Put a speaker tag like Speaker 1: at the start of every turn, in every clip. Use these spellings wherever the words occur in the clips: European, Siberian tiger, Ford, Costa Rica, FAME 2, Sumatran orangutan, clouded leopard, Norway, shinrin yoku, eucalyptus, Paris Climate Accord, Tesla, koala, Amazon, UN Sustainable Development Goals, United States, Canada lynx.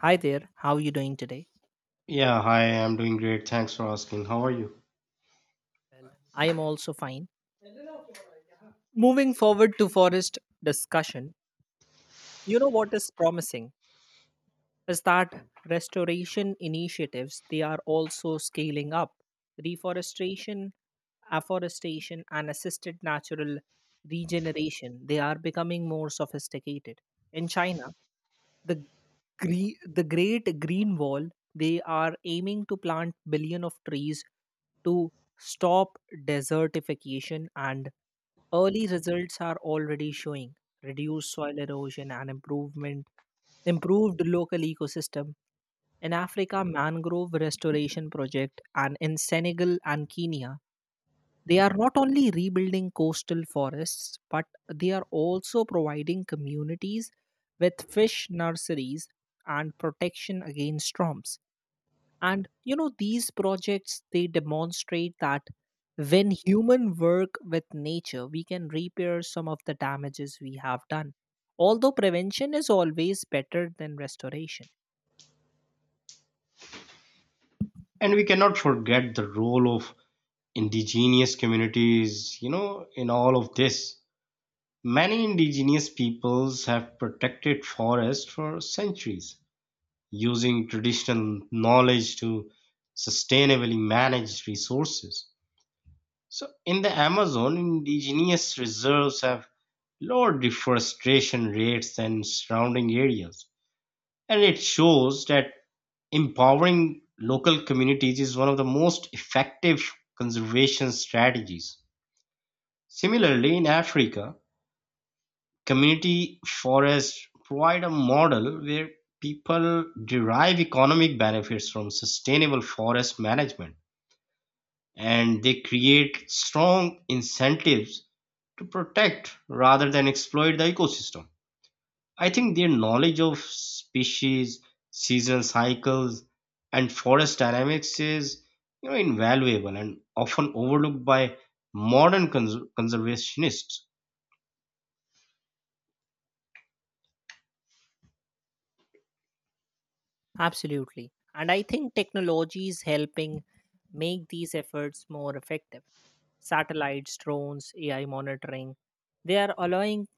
Speaker 1: Hi there, how are you doing today?
Speaker 2: Yeah, hi, I'm doing great. Thanks for asking. How are you?
Speaker 1: I am also fine. Moving forward to forest discussion, you know what is promising? Is that restoration initiatives, they are also scaling up reforestation, afforestation, and assisted natural regeneration. They are becoming more sophisticated. In China, the the great green wall, they are aiming to plant billion of trees to stop desertification, and early results are already showing reduced soil erosion, and improvement improved local ecosystem. In Africa, mangrove restoration project and in Senegal and Kenya, they are not only rebuilding coastal forests, but they are also providing communities with fish nurseries and protection against storms. And you know, these projects, they demonstrate that when human work with nature, we can repair some of the damages we have done, although prevention is always better than restoration.
Speaker 2: And we cannot forget the role of indigenous communities, in all of this. Many indigenous peoples have protected forests for centuries, using traditional knowledge to sustainably manage resources. So, in the Amazon, indigenous reserves have lower deforestation rates than surrounding areas. And it shows that empowering local communities is one of the most effective conservation strategies. Similarly, in Africa, community forests provide a model where people derive economic benefits from sustainable forest management, and they create strong incentives to protect rather than exploit the ecosystem. I think their knowledge of species, seasonal cycles, and forest dynamics is invaluable and often overlooked by modern conservationists.
Speaker 1: Absolutely, and I think technology is helping make these efforts more effective. Satellites, drones, AI monitoring, they are allowing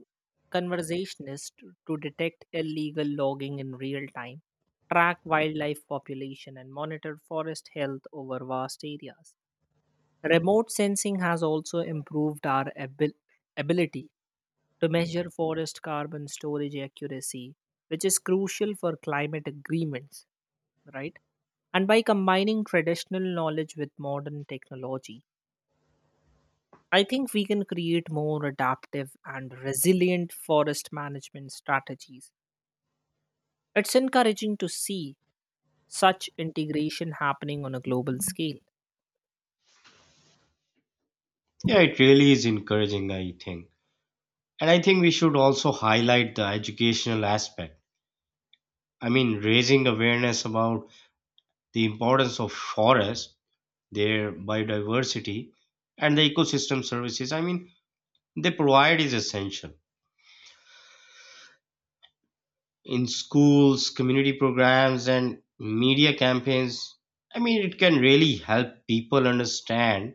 Speaker 1: conservationists to detect illegal logging in real time, track wildlife population, and monitor forest health over vast areas. Remote sensing has also improved our ability to measure forest carbon storage accuracy, which is crucial for climate agreements, right? And by combining traditional knowledge with modern technology, I think we can create more adaptive and resilient forest management strategies. It's encouraging to see such integration happening on a global scale.
Speaker 2: Yeah, it really is encouraging, I think. And I think we should also highlight the educational aspect. I mean, raising awareness about the importance of forests, their biodiversity, and the ecosystem services, I mean, they provide is essential in schools, community programs, and media campaigns. I mean, it can really help people understand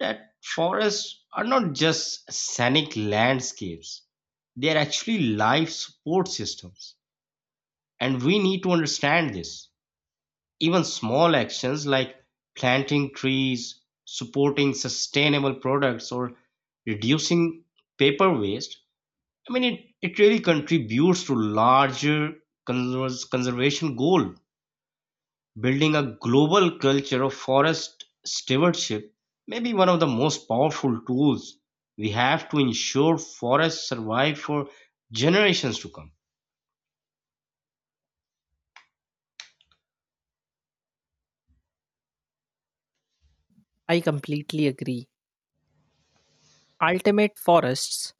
Speaker 2: that forests are not just scenic landscapes, they are actually life support systems. And we need to understand this. Even small actions like planting trees, supporting sustainable products, or reducing paper waste, I mean, it really contributes to larger conservation goal. Building a global culture of forest stewardship may be one of the most powerful tools we have to ensure forests survive for generations to come.
Speaker 1: I completely agree. Ultimate forests,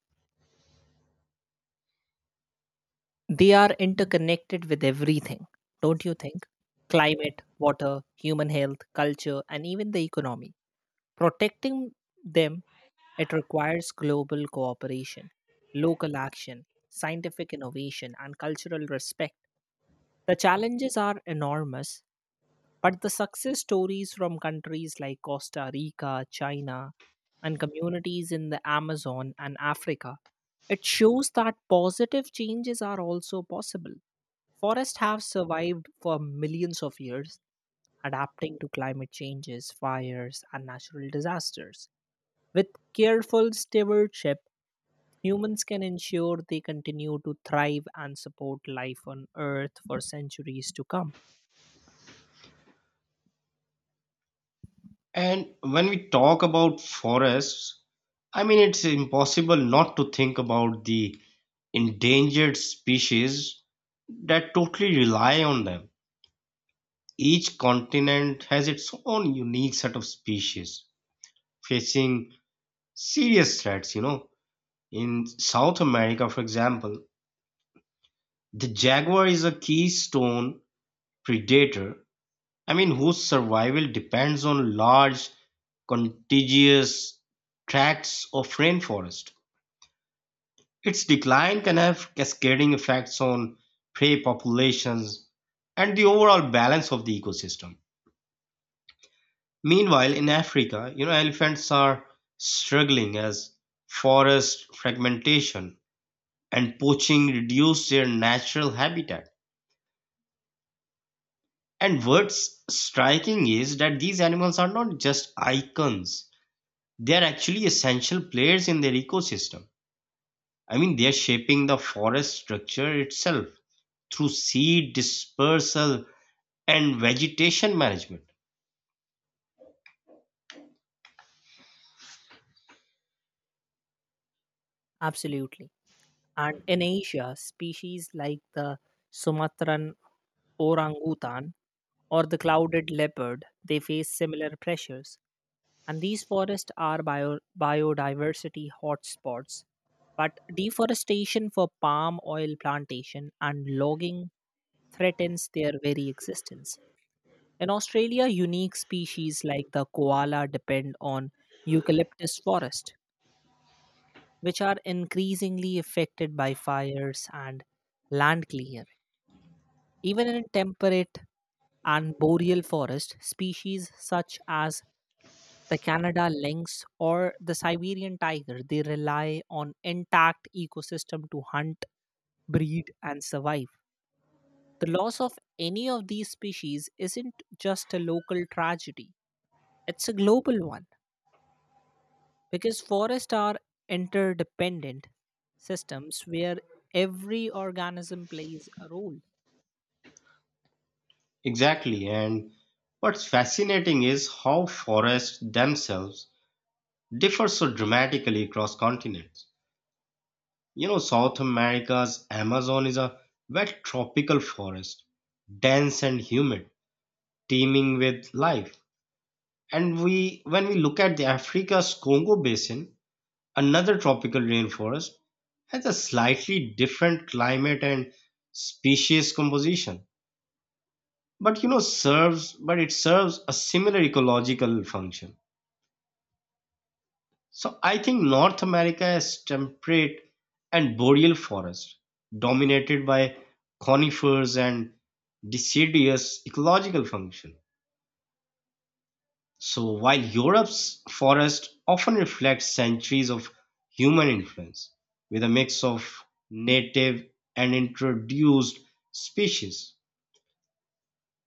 Speaker 1: they are interconnected with everything, don't you think? Climate, water, human health, culture, and even the economy. Protecting them, it requires global cooperation, local action, scientific innovation, and cultural respect. The challenges are enormous, but the success stories from countries like Costa Rica, China, and communities in the Amazon and Africa, it shows that positive changes are also possible. Forests have survived for millions of years, adapting to climate changes, fires, and natural disasters. With careful stewardship, humans can ensure they continue to thrive and support life on Earth for centuries to come.
Speaker 2: And when we talk about forests, I mean, it's impossible not to think about the endangered species that totally rely on them. Each continent has its own unique set of species facing serious threats, you know. In South America, for example, the jaguar is a keystone predator, I mean, whose survival depends on large, contiguous tracts of rainforest. Its decline can have cascading effects on prey populations and the overall balance of the ecosystem. Meanwhile, in Africa, you know, elephants are struggling as forest fragmentation and poaching reduce their natural habitat. And what's striking is that these animals are not just icons, they are actually essential players in their ecosystem. I mean, they are shaping the forest structure itself through seed dispersal and vegetation management.
Speaker 1: Absolutely. And in Asia, species like the Sumatran orangutan or the clouded leopard, they face similar pressures. And these forests are biodiversity hotspots. But deforestation for palm oil plantation and logging threatens their very existence. In Australia, unique species like the koala depend on eucalyptus forest, which are increasingly affected by fires and land clearing. Even in temperate and boreal forest, species such as the Canada lynx or the Siberian tiger, they rely on intact ecosystem to hunt, breed, and survive. The loss of any of these species isn't just a local tragedy, it's a global one, because forests are interdependent systems where every organism plays a role.
Speaker 2: Exactly. And what's fascinating is how forests themselves differ so dramatically across continents. You know, South America's Amazon is a wet tropical forest, dense and humid, teeming with life. And when we look at the Africa's Congo Basin, another tropical rainforest, has a slightly different climate and species composition. But you know, serves but it serves a similar ecological function. So I think North America has temperate and boreal forest, dominated by conifers and deciduous ecological function. So while Europe's forest often reflects centuries of human influence, with a mix of native and introduced species.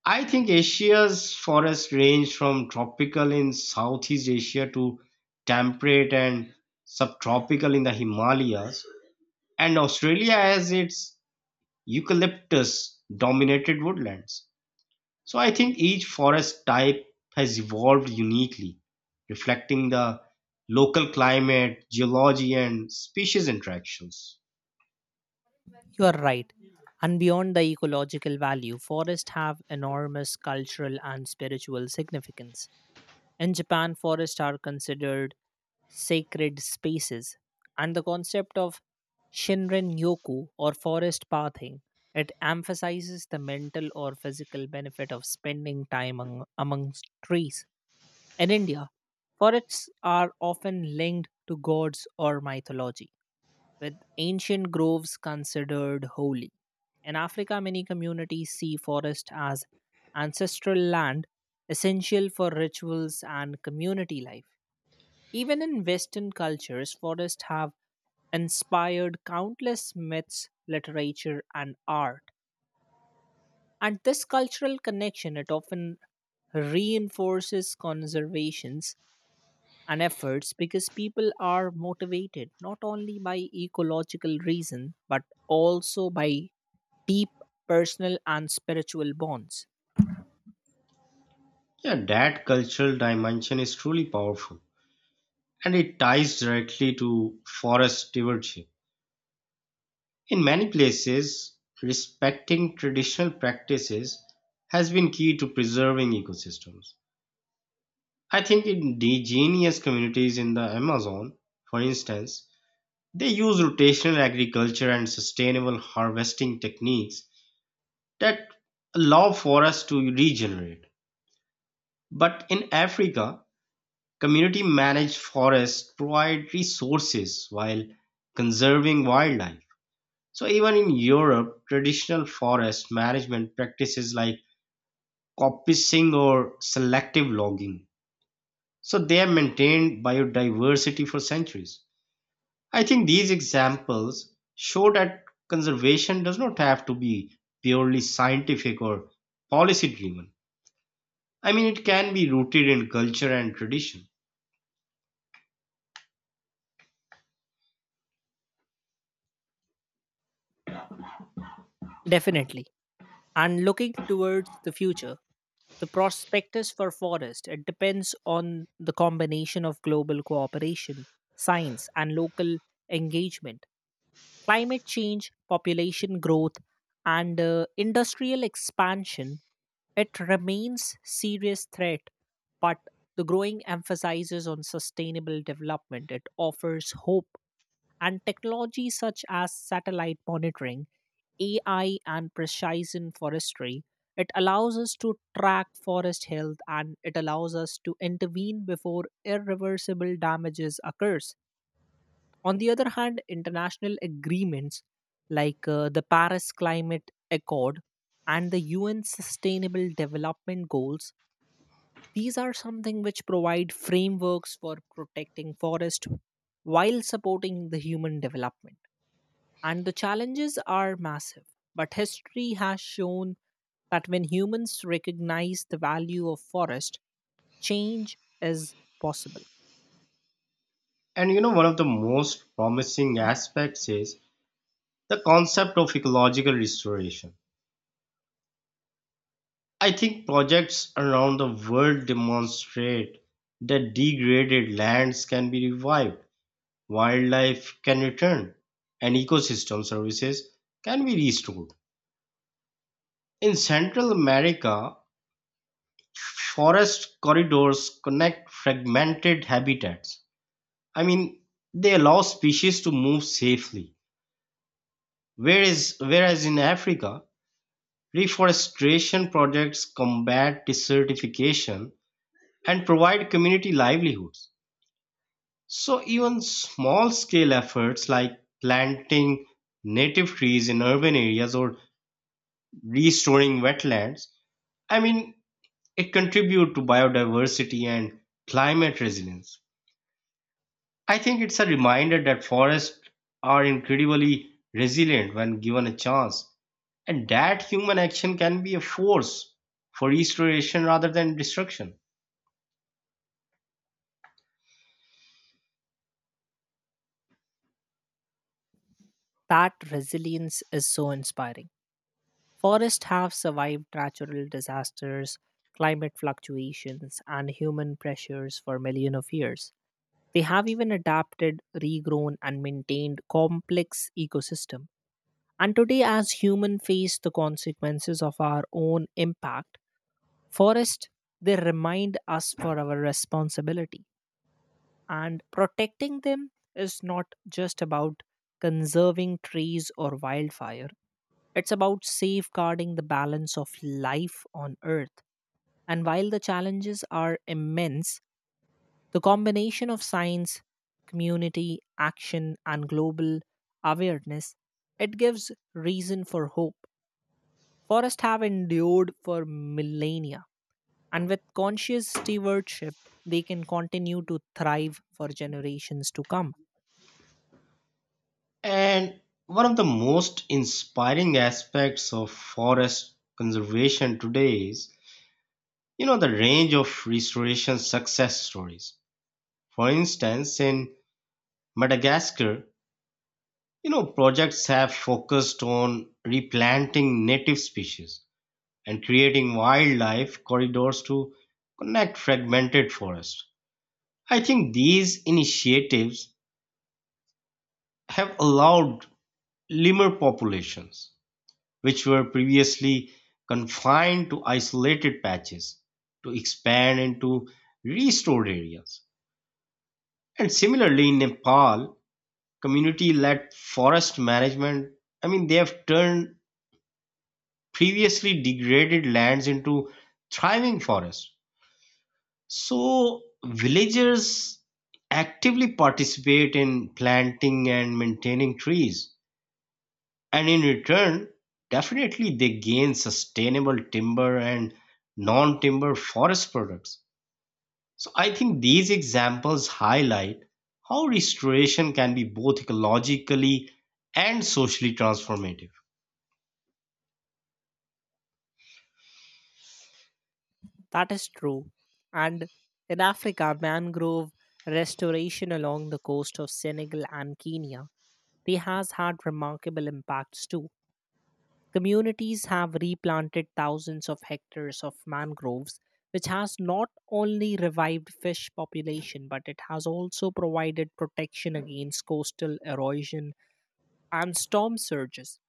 Speaker 2: I think Asia's forests range from tropical in Southeast Asia to temperate and subtropical in the Himalayas, and Australia has its eucalyptus dominated woodlands. So I think each forest type has evolved uniquely, reflecting the local climate, geology, and species interactions.
Speaker 1: You are right, and beyond the ecological value, forests have enormous cultural and spiritual significance. In Japan, forests are considered sacred spaces, and the concept of shinrin yoku, or forest pathing, it emphasizes the mental or physical benefit of spending time amongst trees. In India, forests are often linked to gods or mythology, with ancient groves considered holy. In Africa, many communities see forest as ancestral land essential for rituals and community life. Even in Western cultures, forests have inspired countless myths, literature, and art. And this cultural connection, it often reinforces conservation and efforts because people are motivated not only by ecological reason, but also by deep personal and spiritual bonds.
Speaker 2: Yeah, that cultural dimension is truly powerful, and it ties directly to forest stewardship. In many places, respecting traditional practices has been key to preserving ecosystems. I think in indigenous communities in the Amazon, for instance, they use rotational agriculture and sustainable harvesting techniques that allow forests to regenerate. But in Africa, community managed forests provide resources while conserving wildlife. So even in Europe, traditional forest management practices like coppicing or selective logging. So they have maintained biodiversity for centuries. I think these examples show that conservation does not have to be purely scientific or policy driven. I mean, it can be rooted in culture and tradition.
Speaker 1: Definitely. And looking towards the future, the prospectus for forest, it depends on the combination of global cooperation, science, and local engagement. Climate change, population growth, and industrial expansion, it remains serious threat, but the growing emphasizes on sustainable development. It offers hope, and technology such as satellite monitoring, AI, and precision forestry. It allows us to track forest health, and it allows us to intervene before irreversible damages occurs. On the other hand, international agreements like the Paris Climate Accord and the UN Sustainable Development Goals, these are something which provide frameworks for protecting forest while supporting the human development. And the challenges are massive, but history has shown that when humans recognize the value of forest, change is possible.
Speaker 2: And you know, one of the most promising aspects is the concept of ecological restoration. I think projects around the world demonstrate that degraded lands can be revived, wildlife can return, and ecosystem services can be restored. In Central America, forest corridors connect fragmented habitats. I mean, they allow species to move safely. Whereas in Africa, reforestation projects combat desertification and provide community livelihoods. So, even small scale efforts like planting native trees in urban areas or restoring wetlands, I mean, it contributes to biodiversity and climate resilience. I think it's a reminder that forests are incredibly resilient when given a chance, and that human action can be a force for restoration rather than destruction.
Speaker 1: That resilience is so inspiring. Forests have survived natural disasters, climate fluctuations, and human pressures for millions of years. They have even adapted, regrown, and maintained complex ecosystem. And today, as humans face the consequences of our own impact, forests, they remind us for our responsibility. And protecting them is not just about conserving trees or wildfire, it's about safeguarding the balance of life on Earth. And while the challenges are immense, the combination of science, community, action, and global awareness, it gives reason for hope. Forests have endured for millennia. And with conscious stewardship, they can continue to thrive for generations to come.
Speaker 2: And one of the most inspiring aspects of forest conservation today is, you know, the range of restoration success stories. For instance, in Madagascar, you know, projects have focused on replanting native species and creating wildlife corridors to connect fragmented forests. I think these initiatives have allowed lemur populations, which were previously confined to isolated patches, to expand into restored areas. And similarly, in Nepal, community led forest management, I mean, they have turned previously degraded lands into thriving forests. So, villagers actively participate in planting and maintaining trees, and in return, definitely they gain sustainable timber and non timber forest products. So, I think these examples highlight how restoration can be both ecologically and socially transformative.
Speaker 1: That is true. And in Africa, mangrove restoration along the coast of Senegal and Kenya, they has had remarkable impacts too. Communities have replanted thousands of hectares of mangroves, which has not only revived fish population, but it has also provided protection against coastal erosion and storm surges.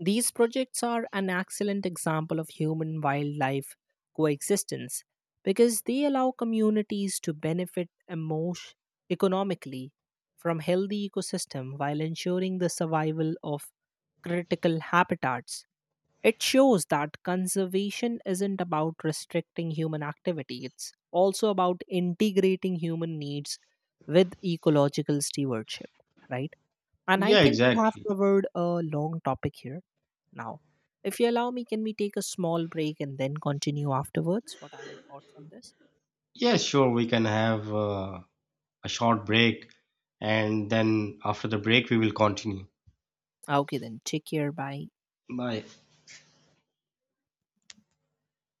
Speaker 1: These projects are an excellent example of human wildlife coexistence because they allow communities to benefit emotion, economically, from healthy ecosystem while ensuring the survival of critical habitats. It shows that conservation isn't about restricting human activity, it's also about integrating human needs with ecological stewardship, right? And I
Speaker 2: Yeah,
Speaker 1: think we have
Speaker 2: exactly.
Speaker 1: covered a long topic here now. If you allow me, can we take a small break and then continue afterwards? What are your thoughts on this?
Speaker 2: Yeah, sure, we can have. A short break, and then after the break, we will continue.
Speaker 1: Okay, then, take care. Bye.
Speaker 2: Bye.